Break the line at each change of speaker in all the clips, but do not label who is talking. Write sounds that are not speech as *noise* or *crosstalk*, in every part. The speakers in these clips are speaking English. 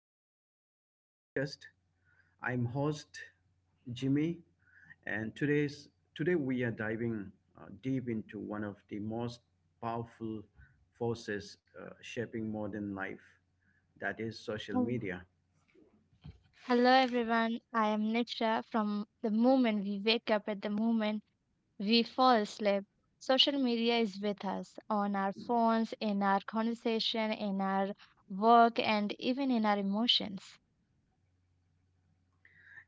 episode of our podcast. I'm host Jimmy, and today we are diving deep into one of the most powerful forces shaping modern life, that is social
Hello,
media.
hello everyone. I am Nitra. From the moment we wake up at the moment we fall asleep, social media is with us on our phones, in our conversation, in our work, and even in our emotions.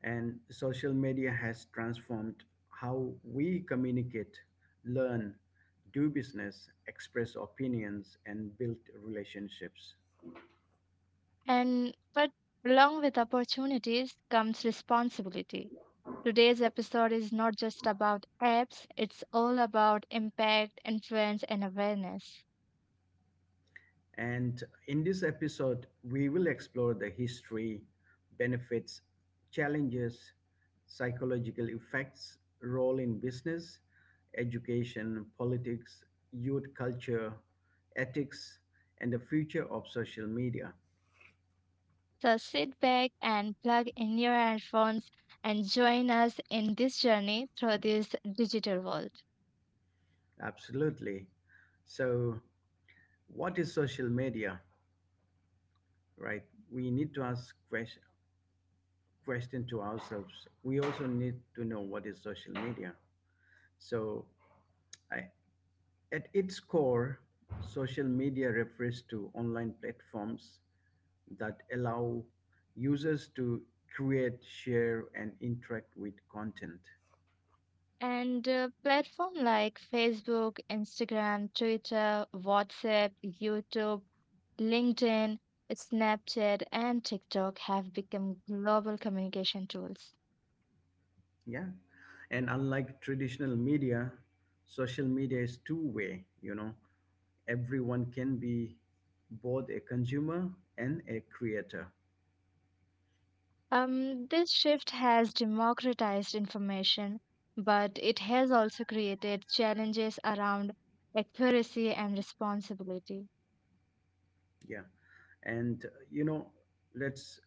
And social media has transformed how we communicate, learn, do business, express opinions, and build relationships.
And but along with opportunities comes responsibility. Today's episode is not just about apps, it's all about impact, influence, and awareness.
And in this episode, we will explore the history, benefits, challenges, psychological effects, role in business, education, politics, youth culture, ethics, and the future of social media.
So sit back and plug in your headphones and join us in this journey through this digital world.
Absolutely. So, what is social media, right? We need to ask question to ourselves. We also need to know what is social media. So, I, at its core, social media refers to online platforms that allow users to create, share, and interact with content.
And Platform like Facebook, Instagram, Twitter, WhatsApp, YouTube, LinkedIn, Snapchat, and TikTok have become global communication tools.
Yeah. And unlike traditional media, social media is two way, you know, everyone can be both a consumer and a creator.
This shift has democratized information, but it has also created challenges around accuracy and responsibility.
Yeah. And, uh, you know, let's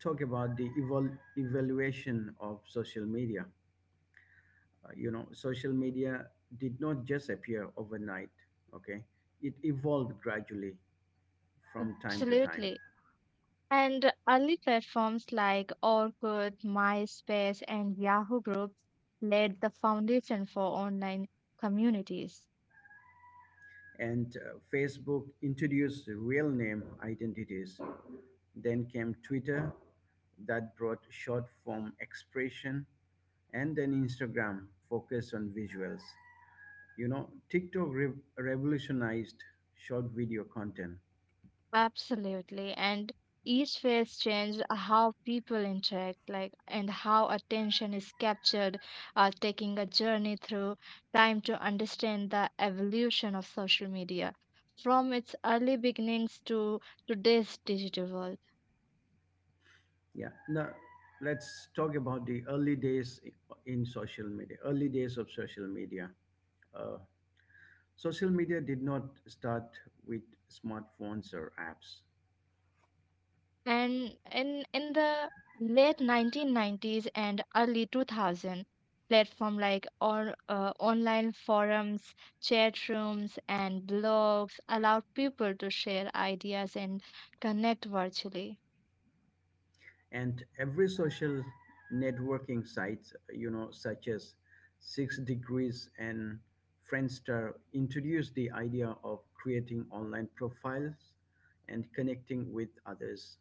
talk about the evaluation of social media. Social media did not just appear overnight, okay? It evolved gradually from time to time.
Absolutely. And early platforms like Orkut, MySpace, and Yahoo groups laid the foundation for online communities.
And Facebook introduced real name identities. Then came Twitter that brought short form expression, and then Instagram focused on visuals. You know, TikTok revolutionized short video content.
Absolutely. And each phase changed how people interact, like and how attention is captured, taking a journey through time to understand the evolution of social media from its early beginnings to today's digital world.
Yeah. Now let's talk about the early days in social media. Early days of social media. Uh, Social media did not start with smartphones or apps,
And in the late 1990s and early 2000, platform like or online forums, chat rooms, and blogs allowed people to share ideas and connect virtually.
and every social networking site, you know, such as Six Degrees and Friendster, introduced the idea of creating online profiles and connecting with others.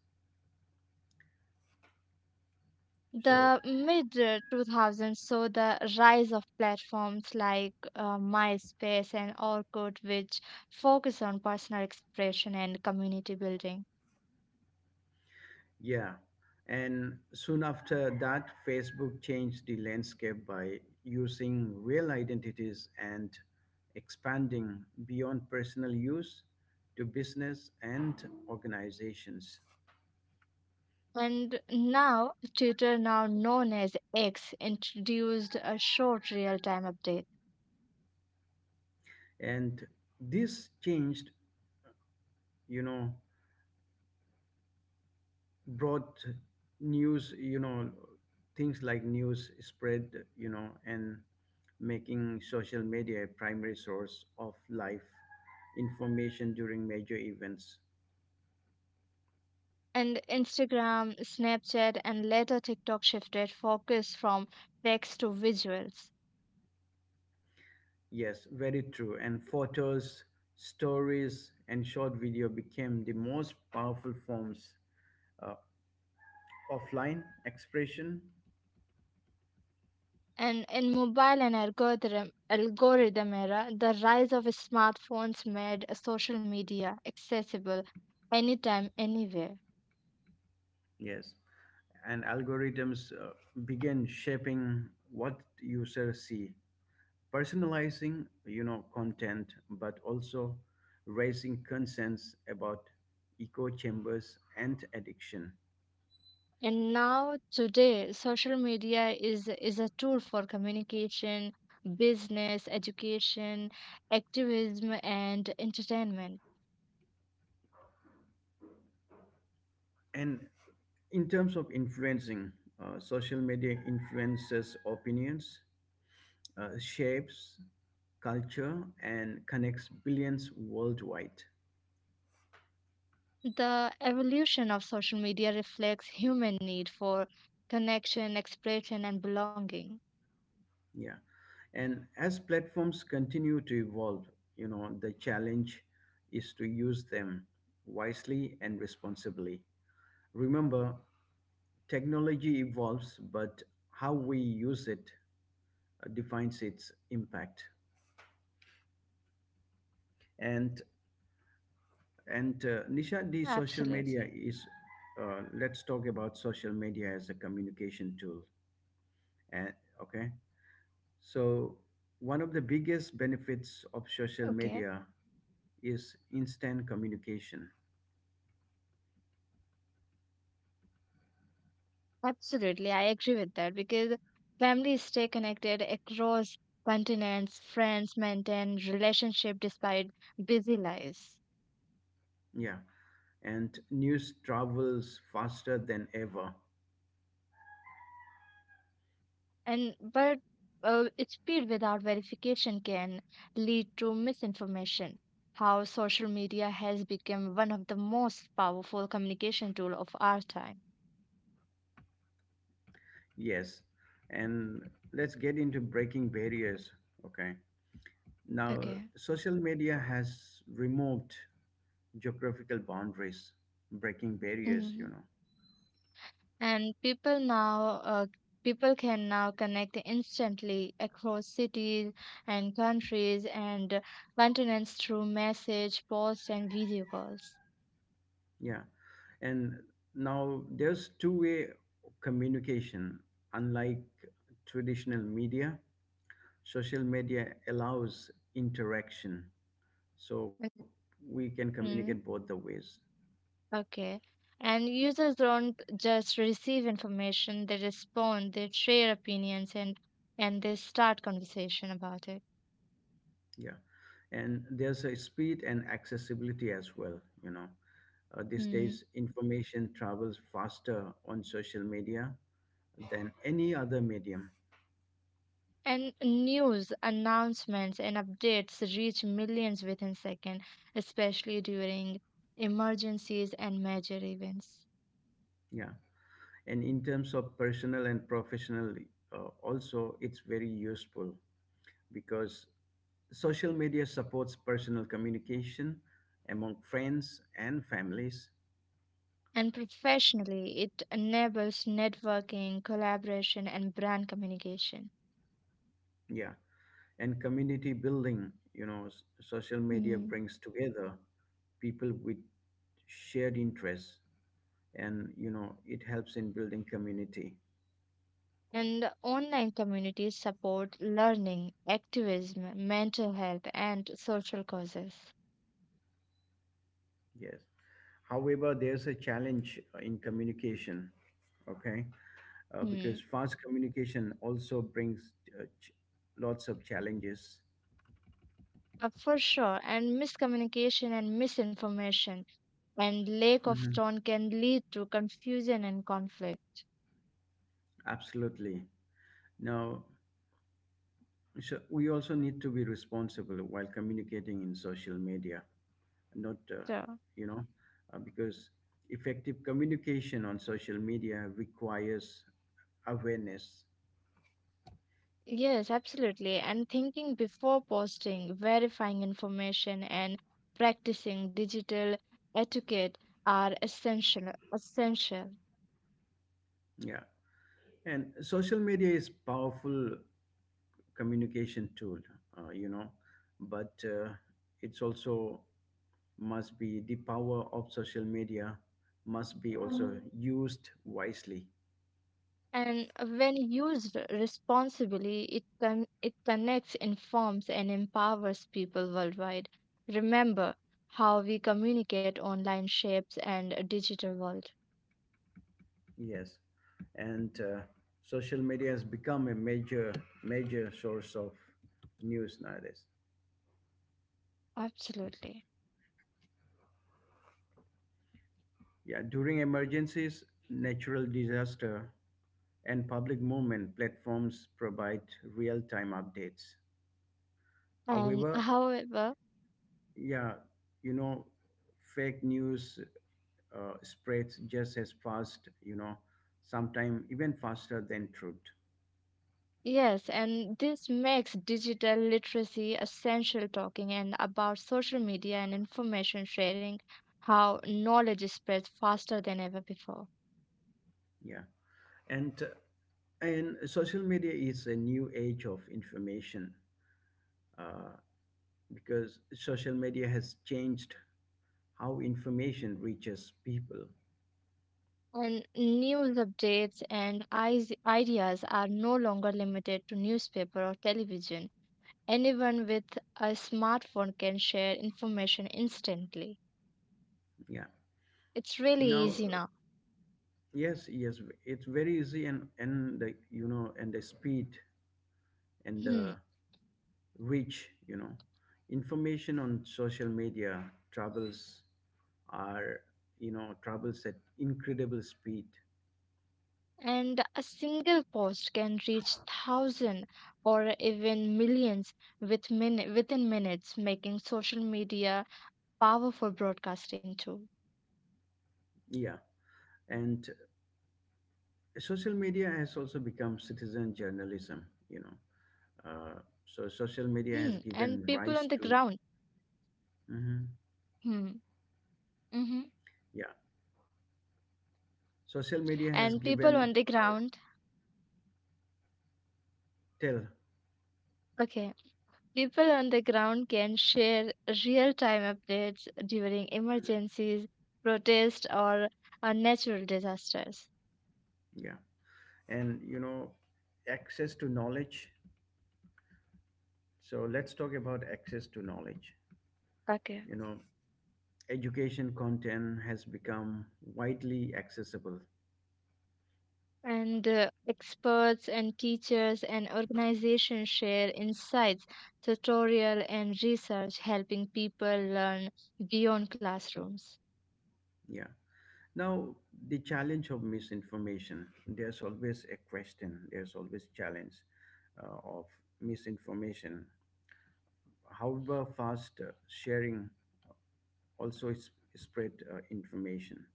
So
The mid 2000s saw the rise of platforms like MySpace and Orkut, which focus on personal expression and community building.
yeah. And soon after that, Facebook changed the landscape by using real identities and expanding beyond personal use to business and organizations.
And now Twitter, now known as X, introduced a short real time update.
And this changed, you know, brought news, you know, things like news spread, you know, and making social media a primary source of life information during major events.
And Instagram, Snapchat, and later TikTok shifted focus from text to visuals.
Yes, very true. And photos, stories, and short video became the most powerful forms uh, offline expression.
And in mobile and algorithm era, the rise of smartphones made social media accessible anytime, anywhere.
Yes, and algorithms began shaping what users see, personalizing, you know, content, but also raising concerns about echo chambers and addiction.
And now today, social media is a tool for communication, business, education, activism, and entertainment.
And in terms of influencing, social media influences opinions, shapes culture and connects billions worldwide.
The evolution of social media reflects human need for connection, expression, and belonging.
Yeah. And as platforms continue to evolve, you know, the challenge is to use them wisely and responsibly. Remember, technology evolves, but how we use it defines its impact. And
Absolutely.
and Nisha, the social media is. Let's talk about social media as a communication tool. And okay, so, one of
Okay.
the biggest benefits of social media is instant communication.
Absolutely, I agree with that, because families stay connected across continents, friends maintain relationship despite busy lives.
Yeah. And news travels faster than ever.
And but its speed without verification can lead to misinformation. How social media has become one of the most powerful communication tool of our time.
Yes. And let's get into breaking barriers. Okay. Now,
Okay.
social media has removed geographical boundaries, breaking barriers, you
Hmm.
know.
And people can now connect instantly across cities and countries and continents through message posts and video calls.
Yeah. And now there's two-way communication, unlike traditional media social media allows interaction so we can communicate both
Mhm.
the ways.
Okay. And users don't just receive information, they respond, they share opinions and they start conversation about it.
Yeah, and there's a speed and accessibility as well, you know, these
Hmm.
days information travels faster on social media than any other medium.
And news, announcements and updates reach millions within seconds, especially during emergencies and major events.
Yeah, and in terms of personal and professional, also it's very useful because social media supports personal communication among friends and families.
And professionally, it enables networking, collaboration and brand communication.
Yeah, and community building, you know, social media
Hmm.
brings together people with shared interests, and you know it helps in building community.
And online communities support learning, activism, mental health, and social causes.
Yes, however there's a challenge in communication. Okay,
Hmm.
because fast communication also brings uh, ch- lots of challenges.
For sure, and miscommunication and misinformation and lack of
Mhm,
tone can lead to confusion and conflict.
absolutely. Now, so we also need to be responsible while communicating in social media. Not
So,
you know Because effective communication on social media requires awareness.
yes, absolutely. And thinking before posting, verifying information, and practicing digital etiquette are essential. Essential.
Yeah, and social media is powerful communication tool, you know but it's also must be the power of social media must be also used wisely.
And when used responsibly, it can it connects, informs and empowers people worldwide. Remember, how we communicate online shapes and a digital world.
Yes. And social media has become a major major source of news nowadays.
Absolutely.
Yeah, during emergencies, natural disaster, and public movement platforms provide real-time updates.
and
However,
however
yeah, you know, fake news spreads just as fast, you know, sometimes even faster than truth.
yes, and this makes digital literacy essential, talking and about social media and information sharing, how knowledge spreads faster than ever before.
Yeah, and uh, and social media is a new age of information, uh, because social media has changed how information reaches people.
And news updates and ideas are no longer limited to newspaper or television. Anyone with a smartphone can share information instantly.
Yeah.
It's really
Now,
easy now.
yes, yes, it's very easy, and the speed and
Hmm.
the reach, you know, information on social media travels are you know travels at incredible speed.
And a single post can reach thousands or even millions within minutes, making social media powerful broadcasting tool.
Yeah, and social media has also become citizen journalism. You know, uh, so
Hmm.
social
And
media has
people on the
given
ground.
rise to. Mhm.
Hmm. Hmm.
Yeah, social media has
And people
given,
on the
uh,
ground.
tell.
Okay. People on the ground can share real time updates during emergencies, protests, or natural disasters.
Yeah, and you know access to knowledge. So let's talk about access to knowledge.
Okay.
You know, education content has become widely accessible.
And experts and teachers and organizations share insights, tutorial, and research, helping people learn beyond classrooms.
Yeah. Now, the challenge of misinformation, there's always a question, there's always challenge of misinformation. However, fast sharing also is spread information.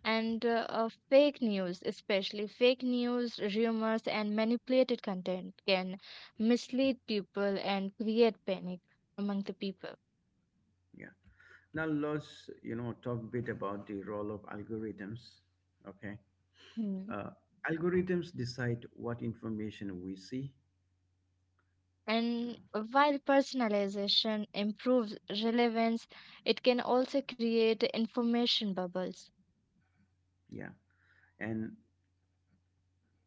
And fake news, especially fake news, rumors, and manipulated content, can mislead people and create panic among the people.
Yeah. Now, let's, you know, talk a bit about the role of algorithms. Okay.
Mhm.
Uh, Algorithms decide what information we see, you know.
And while personalization improves relevance, it can also create information bubbles.
Yeah, and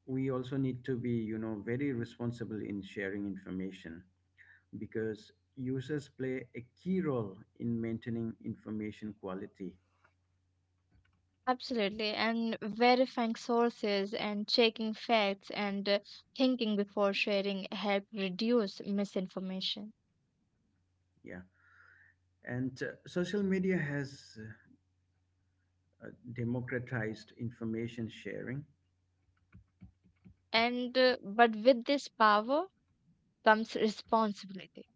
we also need to be, you know, very responsible in sharing information, because users play a key role in maintaining information quality.
Absolutely. And verifying sources and checking facts and thinking before sharing help reduce misinformation.
Yeah, and social media has democratized information sharing.
And but with this power comes responsibility.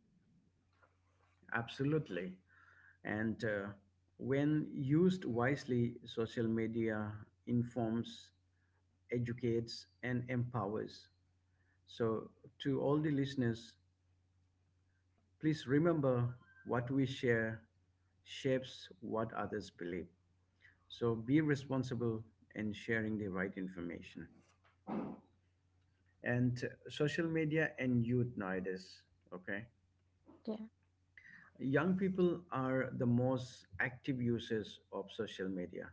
Absolutely. And when used wisely social media informs, educates and empowers. So, to all the listeners, please remember what we share shapes what others believe. So be responsible in sharing the right information. And social media and youth nowadays, okay?
Yeah.
Young people are the most active users of social media.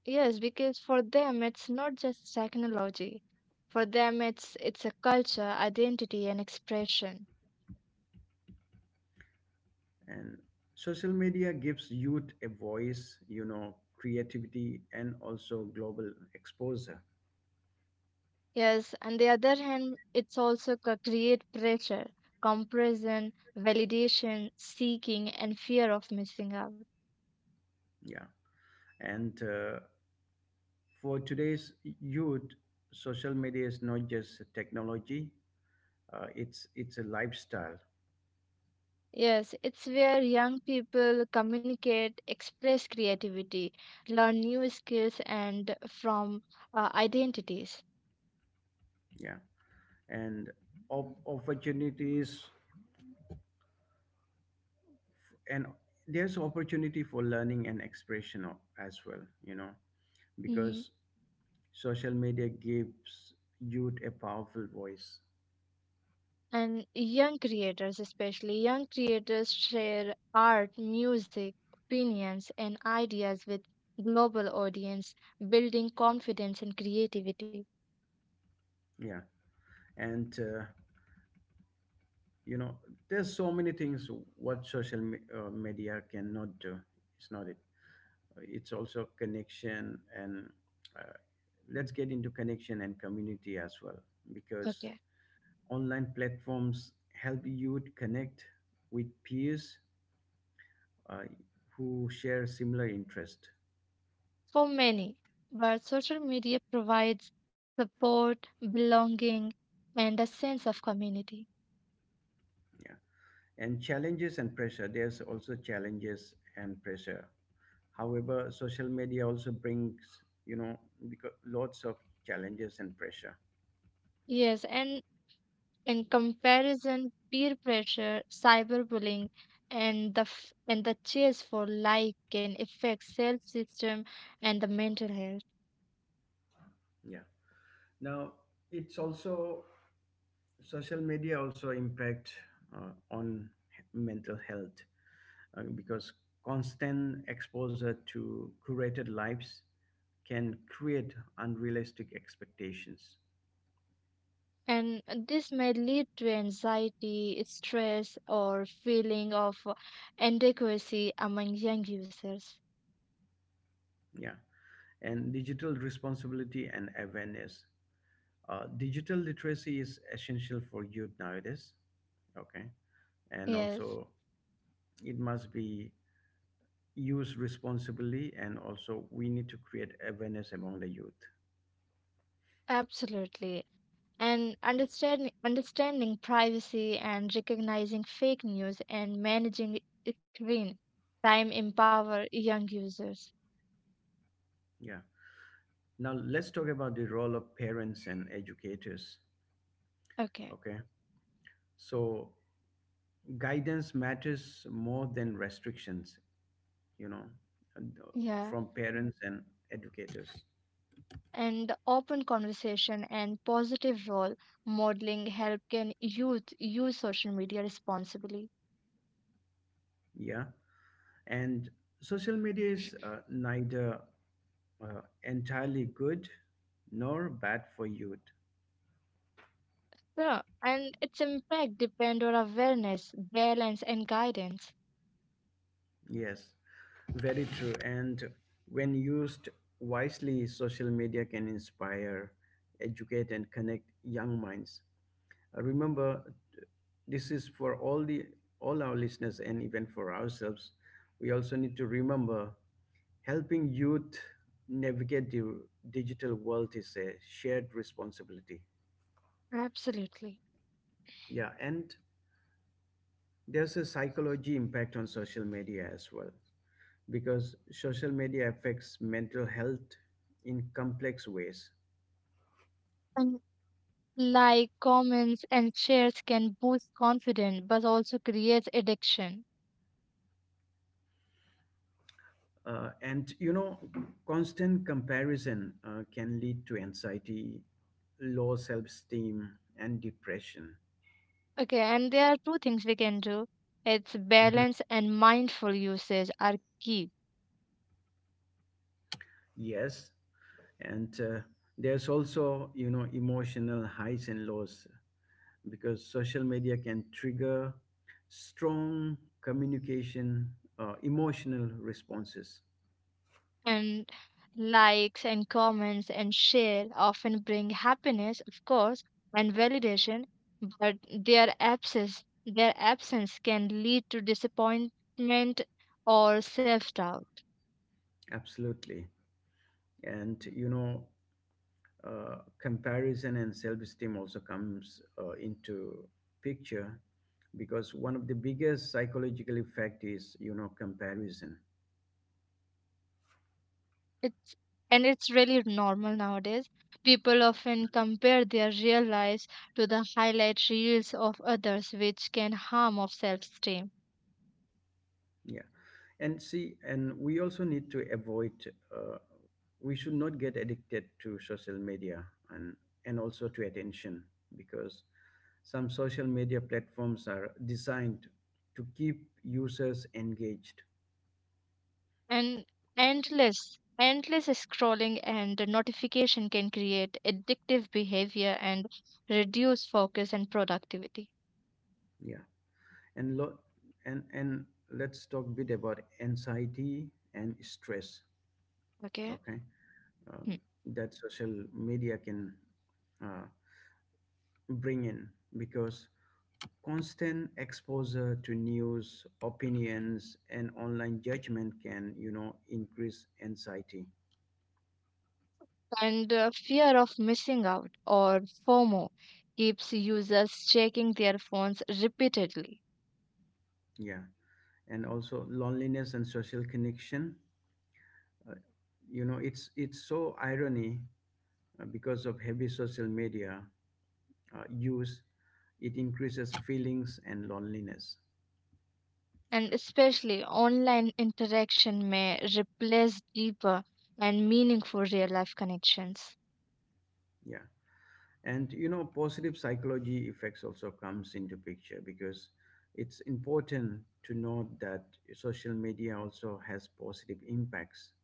Yes, because for them it's not just technology. For them it's a culture, identity and expression.
And social media gives youth a voice, you know, creativity and also global exposure.
Yes, on the other hand, it's also create pressure, comparison, validation, seeking, and fear of missing out.
Yeah. And for today's youth, social media is not just a technology, it's a lifestyle.
Yes, it's where young people communicate, express creativity, learn new skills, and from identities.
Yeah. And opportunities, and there's opportunity for learning and expression as well, you know,
Mm.
because social media gives youth a powerful voice.
And young creators, especially young creators, share art, music, opinions, and ideas with global audience, building confidence and creativity.
Yeah. And, uh, you know, there's so many things what social media cannot do. It's not it. It's also connection and, uh, let's get into connection and community as well, because
Okay.
online platforms help you to connect with peers uh, who share similar interest.
For many, but social media provides support, belonging, and a sense of community.
Yeah, and challenges and pressure, there's also challenges and pressure. However social media also brings, you know, because lots of challenges and pressure.
Yes, and in comparison, peer pressure, cyberbullying, and the chase for like can affect self-esteem and the mental health.
Yeah. Now, it's also social media also impact on mental health, because constant exposure to curated lives can create unrealistic expectations.
And this may lead to anxiety, stress, or feeling of inadequacy among young users.
Yeah, and digital responsibility and awareness, digital literacy is essential for youth nowadays, okay? And
Yes,
also it must be used responsibly, and also we need to create awareness among the youth.
absolutely. And understanding privacy and recognizing fake news and managing screen time empower young users.
Yeah. Now, let's talk about the role of parents and educators.
Okay.
Okay. So, guidance matters more than restrictions, you know, and, uh,
Yeah.
from parents and educators.
And open conversation and positive role modeling help can youth use social media responsibly.
Yeah. And social media is neither entirely good nor bad for youth.
Yeah. And its impact depend on awareness, balance and guidance.
Yes, very true. And when used wisely, social media can inspire, educate, and connect young minds. Remember, this is for all the all our listeners, and even for ourselves we also need to remember helping youth navigate the digital world is a shared responsibility.
Absolutely.
Yeah. And there's a psychology impact on social media as well, because social media affects mental health in complex ways.
And like comments and shares can boost confidence but also creates addiction.
And you know, constant comparison can lead to anxiety, low self esteem, and depression.
Okay, and there are two things we can do. It's
Mhm.
balance and mindful usage are key.
Yes. And there's also, you know, emotional highs and lows, because social media can trigger strong communication, emotional responses.
And likes and comments and share often bring happiness, of course, and validation, but their absence can lead to disappointment or self-doubt.
Absolutely. And, you know, comparison and self-esteem also comes into picture, because one of the biggest psychological effect is, you know, comparison.
It's and it's really normal nowadays. People often compare their real lives to the highlight reels of others, which can harm of self-esteem.
Yeah. And see, and we also need to avoid, uh, we should not get addicted to social media, and and also to attention, because some social media platforms are designed to keep users engaged.
And endless scrolling and notification can create addictive behavior and reduce focus and productivity.
Yeah. And lo- and let's talk a bit about anxiety and stress.
Okay.
Okay, um,
Mm.
that social media can uh, bring in, because constant exposure to news, opinions, and online judgment can, you know, increase anxiety.
And fear of missing out or fomo keeps users checking their phones repeatedly.
Yeah, and also loneliness and social connection. Uh, you know, it's so irony, because of heavy social media use it increases feelings and loneliness.
And especially online interaction may replace deeper and meaningful real life connections.
Yeah, and you know positive psychology effects also comes into picture, because it's important to note that social media also has positive impacts.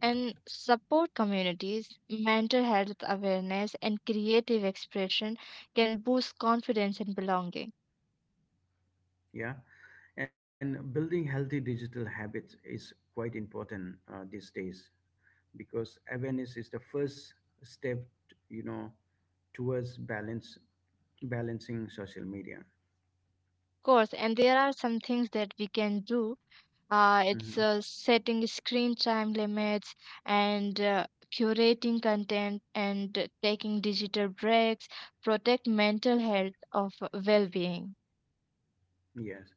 And support communities, mental health awareness, and creative expression can boost confidence and belonging.
Yeah, and building healthy digital habits is quite important these days, because awareness is the first step, you know, towards balance, balancing social media.
Of course, and there are some things that we can do. It's
Hmm.
Setting screen time limits and curating content and taking digital breaks protect mental health of well-being.
Yes,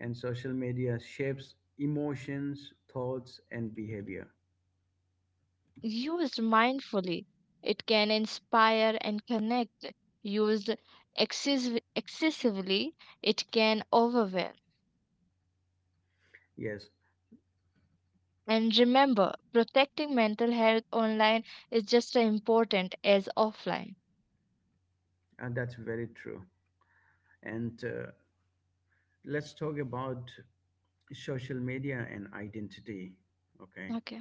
and social media shapes emotions, thoughts, and behavior.
Used mindfully, it can inspire and connect. Used excess excessively, it can overwhelm.
Yes,
And remember, protecting mental health online is just as important as offline.
that's very true. And let's talk about social media and identity, okay?
Okay.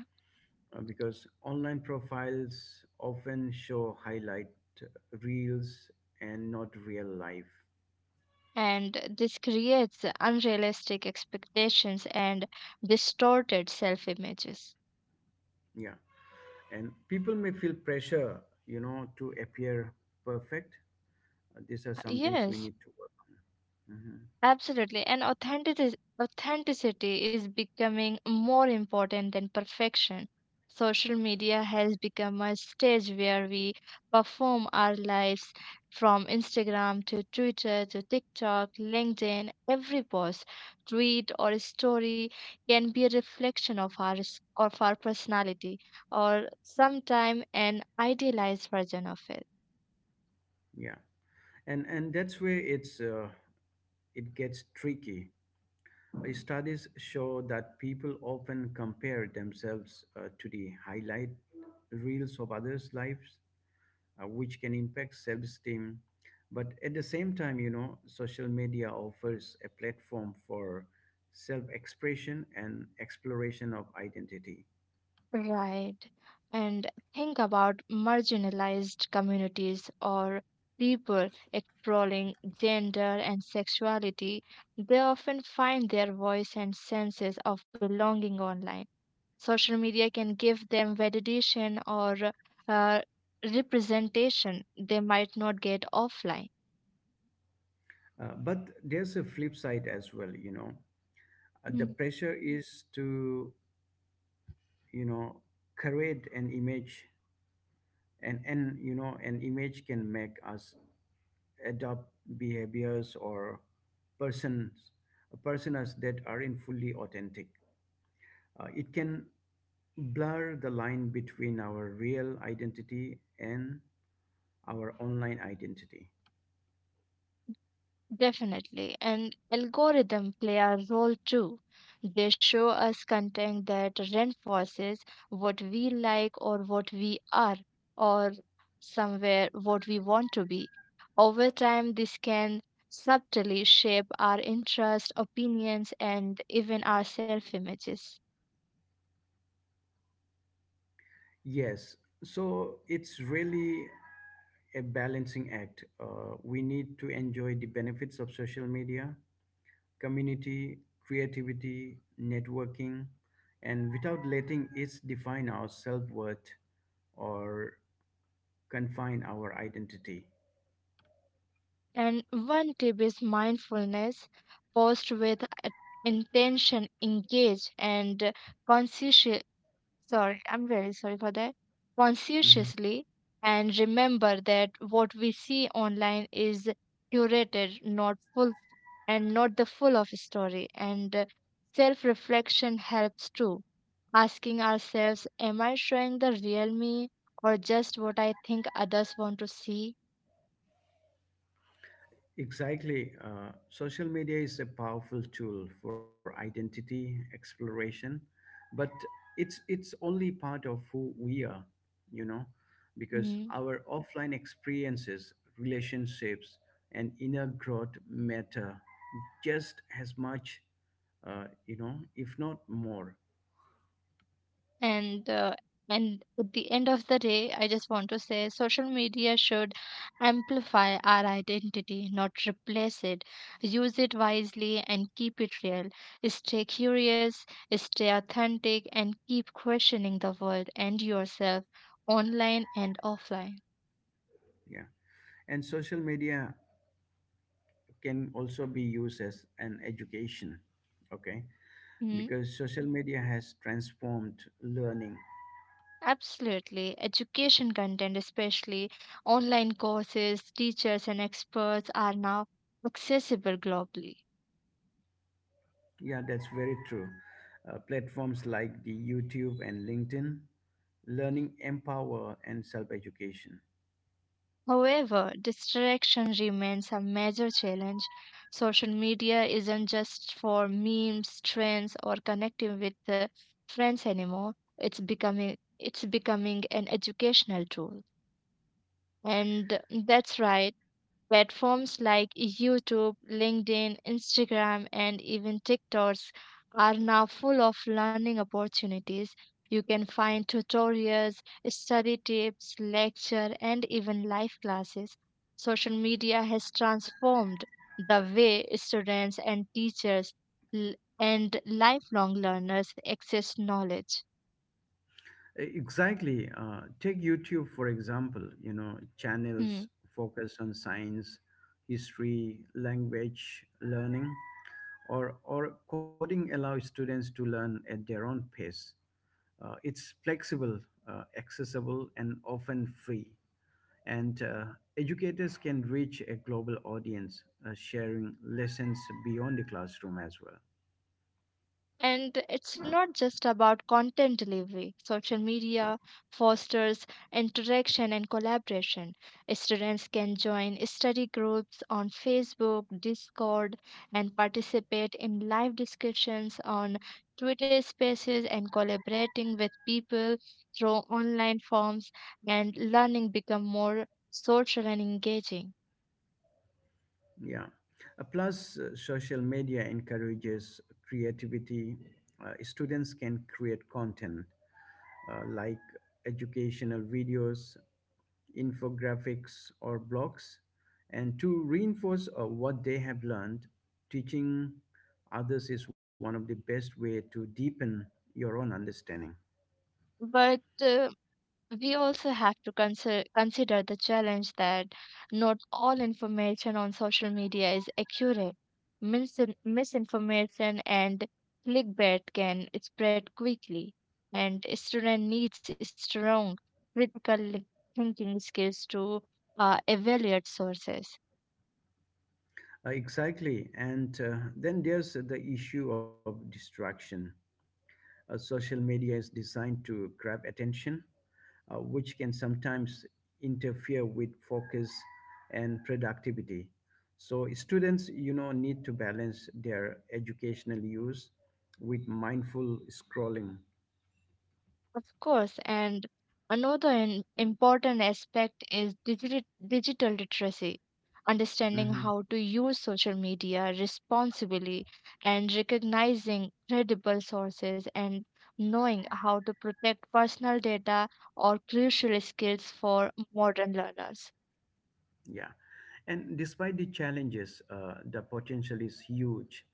Because online profiles often show highlight uh, reels and not real life.
And this creates unrealistic expectations and distorted self images.
Yeah. And people may feel pressure, you know, to appear perfect. These are some things we
Yes.
need to work. Hmm.
Absolutely. And authenticity is becoming more important than perfection. Social media has become a stage where we perform our lives from Instagram to Twitter to TikTok, LinkedIn. Every post, tweet, or story can be a reflection of our personality or sometime an idealized version of it.
Yeah. And that's where it's, it gets tricky. Studies show that people often compare themselves to the highlight reels of others' lives, which can impact self esteem. But at the same time, you know, social media offers a platform for self expression and exploration of identity.
Right. And think about marginalized communities or people exploring gender and sexuality. They often find their voice and senses of belonging online. Social media can give them validation or uh, representation they might not get offline.
But there's a flip side as well, you know.
Hmm.
The pressure is to, you know, create an image, and you know, an image can make us adopt behaviors or persons personas that aren't fully authentic. It can blur the line between our real identity and our online identity.
Definitely. And algorithm play a role too. They show us content that reinforces what we like or what we are or somewhere what we want to be. Over time, this can subtly shape our interests, opinions, and even our self images.
Yes, so it's really a balancing act. We need to enjoy the benefits of social media, community, creativity, networking, and without letting it define our self worth or confine our identity.
And one tip is mindfulness. Post with intention, engage, and conscious. Sorry, I'm very sorry for that.
Mm-hmm.
Conscientiously, and remember that what we see online is curated, not full, and not the full of story. And self-reflection helps too. Asking ourselves, "Am I showing the real me, or just what I think others want to see?"
Exactly. Social media is a powerful tool for identity exploration, but it's only part of who we are, you know, because
Hmm.
our offline experiences, relationships, and inner growth matter just as much, if not more.
and uh, and at the end of the day, I just want to say social media should amplify our identity, not replace it. Use it wisely and keep it real. Stay curious, stay authentic and keep questioning the world and yourself, online and offline.
Yeah. And social media can also be used as an education. Okay.
Hmm.
Because social media has transformed learning.
Absolutely. Education content, especially online courses, teachers, and experts, are now accessible globally.
Yeah, that's very true. Platforms like the YouTube and LinkedIn, learning empower and self education.
However, distraction remains a major challenge. Social media isn't just for memes, trends, or connecting with friends anymore. It's becoming an educational tool. And that's right. Platforms like YouTube, LinkedIn, Instagram, and even TikToks are now full of learning opportunities. You can find tutorials, study tips, lecture, and even live classes. Social media has transformed the way students and teachers l- and lifelong learners access knowledge.
Exactly. Take YouTube for example. You know, channels
Hmm.
focus on science, history, language learning, or coding allows students to learn at their own pace. It's flexible, accessible, and often free. And Educators can reach a global audience, sharing lessons beyond the classroom as well.
And it's not just about content delivery. Social media fosters interaction and collaboration. Students can join study groups on Facebook, Discord, and participate in live discussions on Twitter spaces and collaborating with people through online forms, and learning become more social and engaging.
Yeah. Plus Social media encourages creativity. Students can create content, like educational videos, infographics or blogs, and to reinforce what they have learned. Teaching others is one of the best way to deepen your own understanding.
But we also have to consider the challenge that not all information on social media is accurate. Misinformation and clickbait can spread quickly, and student needs strong critical thinking skills to evaluate sources.
Exactly. And then there's the issue of distraction. Social media is designed to grab attention, which can sometimes interfere with focus and productivity. So students, you know, need to balance their educational use with mindful scrolling.
Of course, and another important aspect is digital literacy, understanding
Mhm.
how to use social media responsibly and recognizing credible sources and knowing how to protect personal data or crucial skills for modern learners.
Yeah. And despite the challenges, the potential is huge.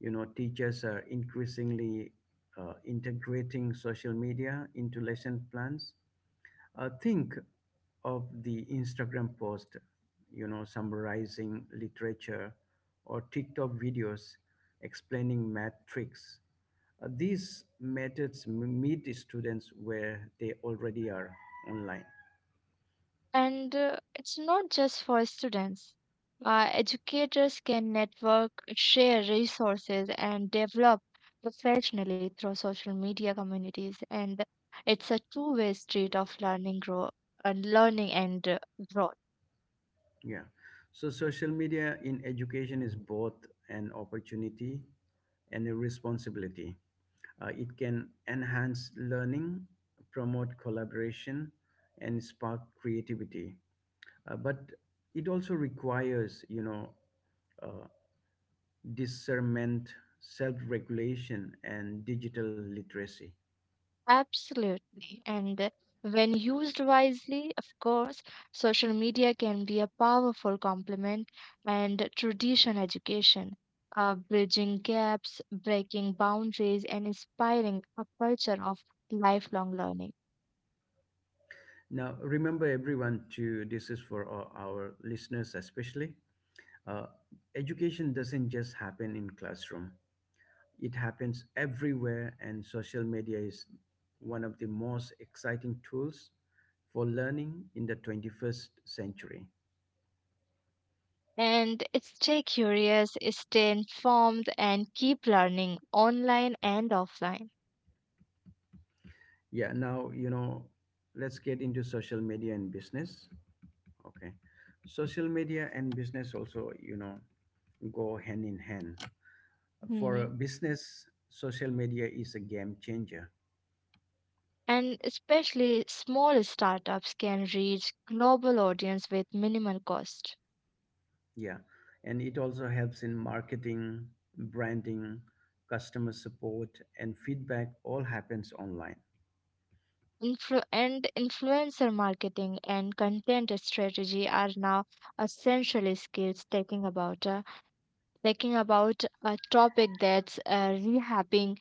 You know, teachers are increasingly integrating social media into lesson plans. Think of the Instagram post, you know, summarizing literature, or TikTok videos explaining math tricks. These methods meet students where they already are online.
And it's not just for students. Educators can network, share resources, and develop professionally through social media communities. And it's a two-way street of learning, learning and growth.
Yeah. So social media in education is both an opportunity and a responsibility. It can enhance learning, promote collaboration, and spark creativity. But it also requires, you know, uh, discernment, self-regulation, and digital literacy.
Absolutely. And when used wisely, of course, social media can be a powerful complement and tradition education, bridging gaps, breaking boundaries, and inspiring a culture of lifelong learning.
Now, remember everyone to this is for our listeners especially. Uh, Education doesn't just happen in classroom. It happens everywhere, and social media is one of the most exciting tools for learning in the 21st century.
And it's stay curious, stay informed, and keep learning online and offline.
Yeah, now, you know, let's get into social media and business. Okay. Social media and business also, you know, go hand in hand. For a
Hmm.
business, social media is a game changer.
And especially small startups can reach global audience with minimal cost.
Yeah. And it also helps in marketing, branding, customer support, and feedback all happens online.
And influencer marketing and content strategy are now essential skills. Talking about a topic that's rehabbing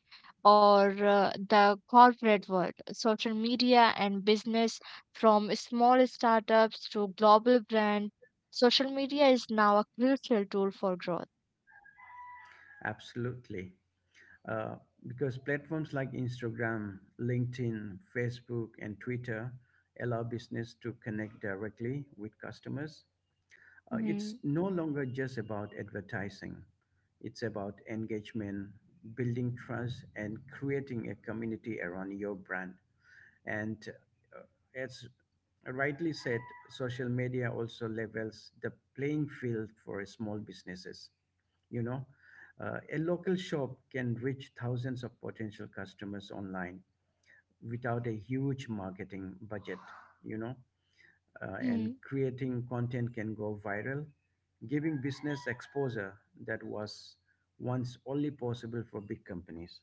or the corporate world, social media and business, from small startups to global brand, social media is now a crucial tool for growth.
Absolutely. Uh, because platforms like Instagram, LinkedIn, Facebook, and Twitter allow business to connect directly with customers. It's
Hmm.
no longer just about advertising, it's about engagement, building trust, and creating a community around your brand. And uh, as rightly said, social media also levels the playing field for small businesses. You know, a local shop can reach thousands of potential customers online without a huge marketing budget, you know, and creating content can go viral, giving business exposure that was once only possible for big companies.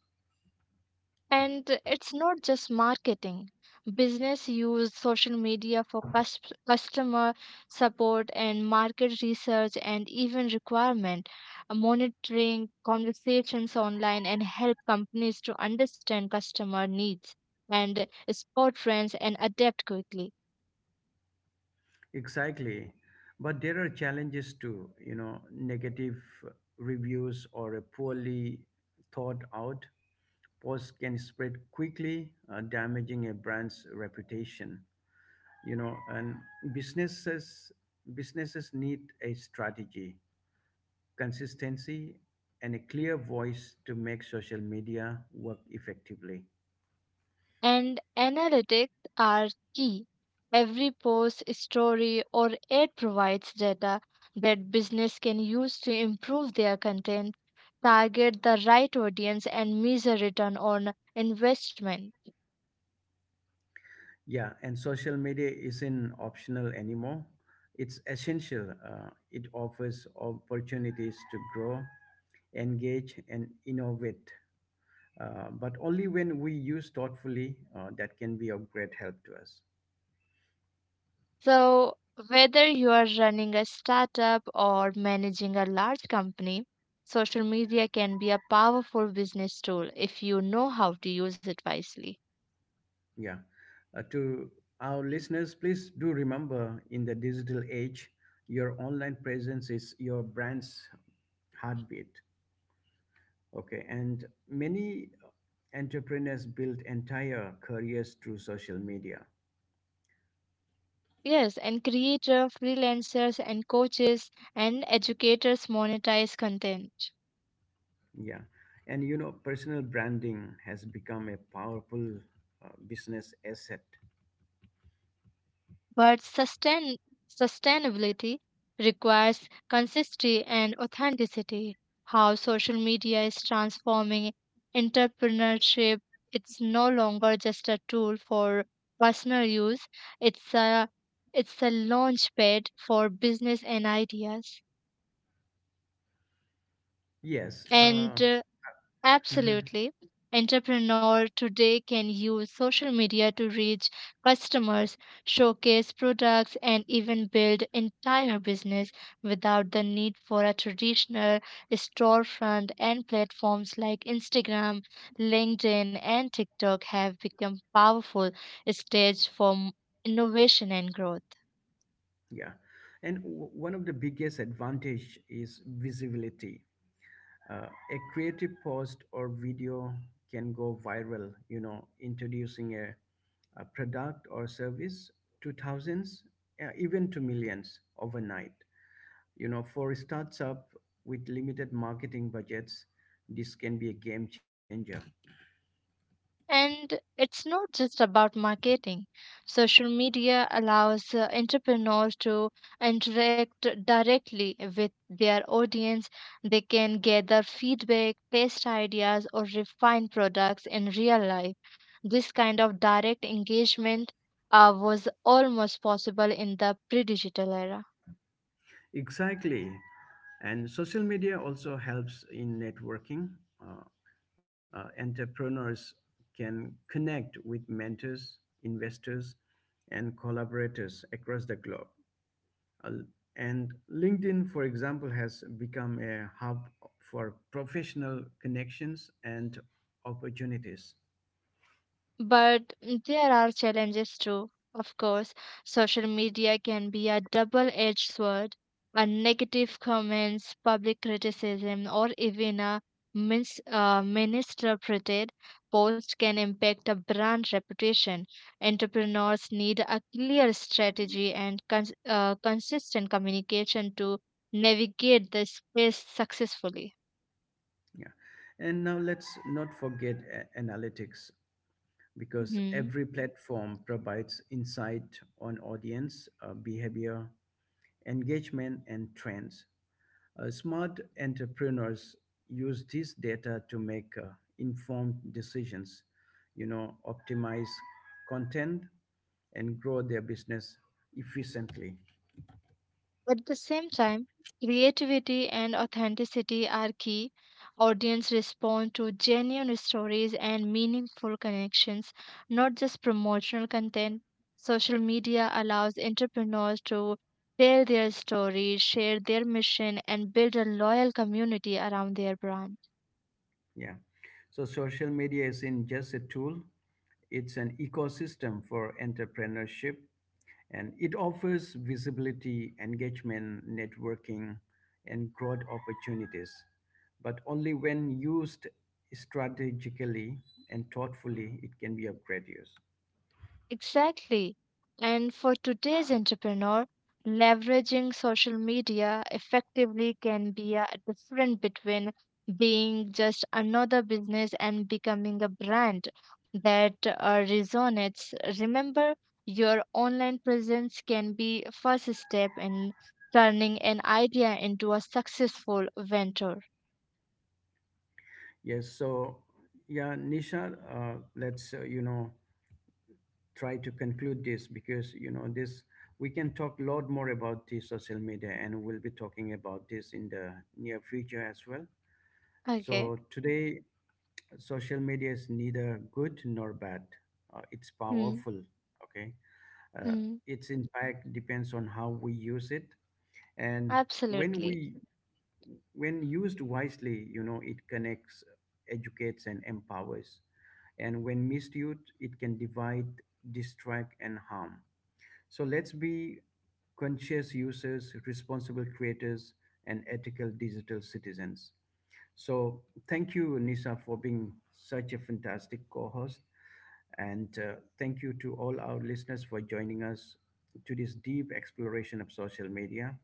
And it's not just marketing. Business use social media for customer support and market research and even requirement, monitoring conversations online and help companies to understand customer needs and spot trends and adapt quickly.
Exactly. But there are challenges too, you know, negative reviews or a poorly thought out post can spread quickly, damaging a brand's reputation. You know, and businesses businesses need a strategy, consistency, and a clear voice to make social media work effectively.
And analytics are key. Every post, story, or ad provides data that business can use to improve their content, target the right audience, and measure return on investment.
Yeah, and social media isn't optional anymore. It's essential. It offers opportunities to grow, engage, and innovate, but only when we use thoughtfully, that can be of great help to us.
So, whether you are running a startup or managing a large company, social media can be a powerful business tool if you know how to use it wisely.
Yeah. To our listeners, please do remember in the digital age, your online presence is your brand's heartbeat. Okay, and many entrepreneurs build entire careers through social media.
Yes, and creator, freelancers, and coaches and educators monetize content.
Yeah, and you know, personal branding has become a powerful business asset.
But sustainability requires consistency and authenticity. How social media is transforming entrepreneurship, it's no longer just a tool for personal use. It's a it's a launchpad for business and ideas.
Yes, uh,
And
*laughs* mhm,
Absolutely. Entrepreneur today can use social media to reach customers, showcase products, and even build entire business without the need for a traditional storefront, and platforms like Instagram, LinkedIn, and TikTok have become powerful stage for innovation and growth.
yeah, and one of the biggest advantage is visibility. A creative post or video can go viral. You know, introducing a product or service to thousands, even to millions overnight. You know, for startups with limited marketing budgets, this can be a game changer.
And it's not just about marketing. Social media allows entrepreneurs to interact directly with their audience. They can gather feedback, test ideas, or refine products in real life. This kind of direct engagement was almost possible in the pre digital era.
Exactly. And social media also helps in networking. Uh, Entrepreneurs can connect with mentors, investors, and collaborators across the globe. Uh, and LinkedIn, for example, has become a hub for professional connections and opportunities.
But there are challenges too, of course. Social media can be a double edged sword. A negative comments, public criticism, or even a misinterpreted post can impact a brand reputation. Entrepreneurs need a clear strategy and consistent communication to navigate this space successfully.
Yeah. And now let's not forget analytics, because
Mm-hmm.
every platform provides insight on audience behavior, engagement, and trends. Smart entrepreneurs use this data to make informed decisions, you know, optimize content and grow their business efficiently.
At the same time, creativity and authenticity are key. Audience respond to genuine stories and meaningful connections, not just promotional content. Social media allows entrepreneurs to tell their stories, share their mission, and build a loyal community around their brand.
Yeah. So social media isn't just a tool, it's an ecosystem for entrepreneurship, and it offers visibility, engagement, networking, and growth opportunities, but only when used strategically and thoughtfully, it can be of great use.
Exactly. And for today's entrepreneur, leveraging social media effectively can be a difference between being just another business and becoming a brand that resonates. Remember, your online presence can be first step in turning an idea into a successful venture.
Yes, so yeah, Nisha, let's you know, try to conclude this, because you know this, we can talk a lot more about the social media, and we'll be talking about this in the near future as well.
Okay.
So today social media is neither good nor bad. It's
Hmm.
powerful. Okay. Uh,
Hmm.
its impact depends on how we use it, and when
Absolutely.
we when used wisely, you know, it connects, educates, and empowers. And when misused, it can divide, distract, and harm. So let's be conscious users, responsible creators, and ethical digital citizens. So thank you, Nisa, for being such a fantastic co-host, and thank you to all our listeners for joining us to this deep exploration of social media.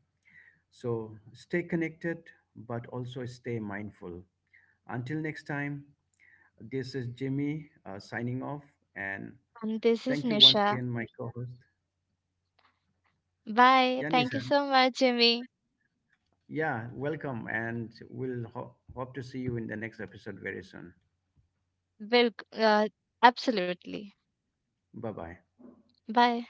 So stay connected, but also stay mindful. Until next time, this is Jimmy signing off, and
And this is
thank you once
Nisha.
again, my co-host.
Bye.
Yeah,
Thank you
Nisa.
so much, Jimmy.
Yeah, welcome, and we'll hope to see you in the next episode very soon.
Will, absolutely.
Bye bye.
Bye.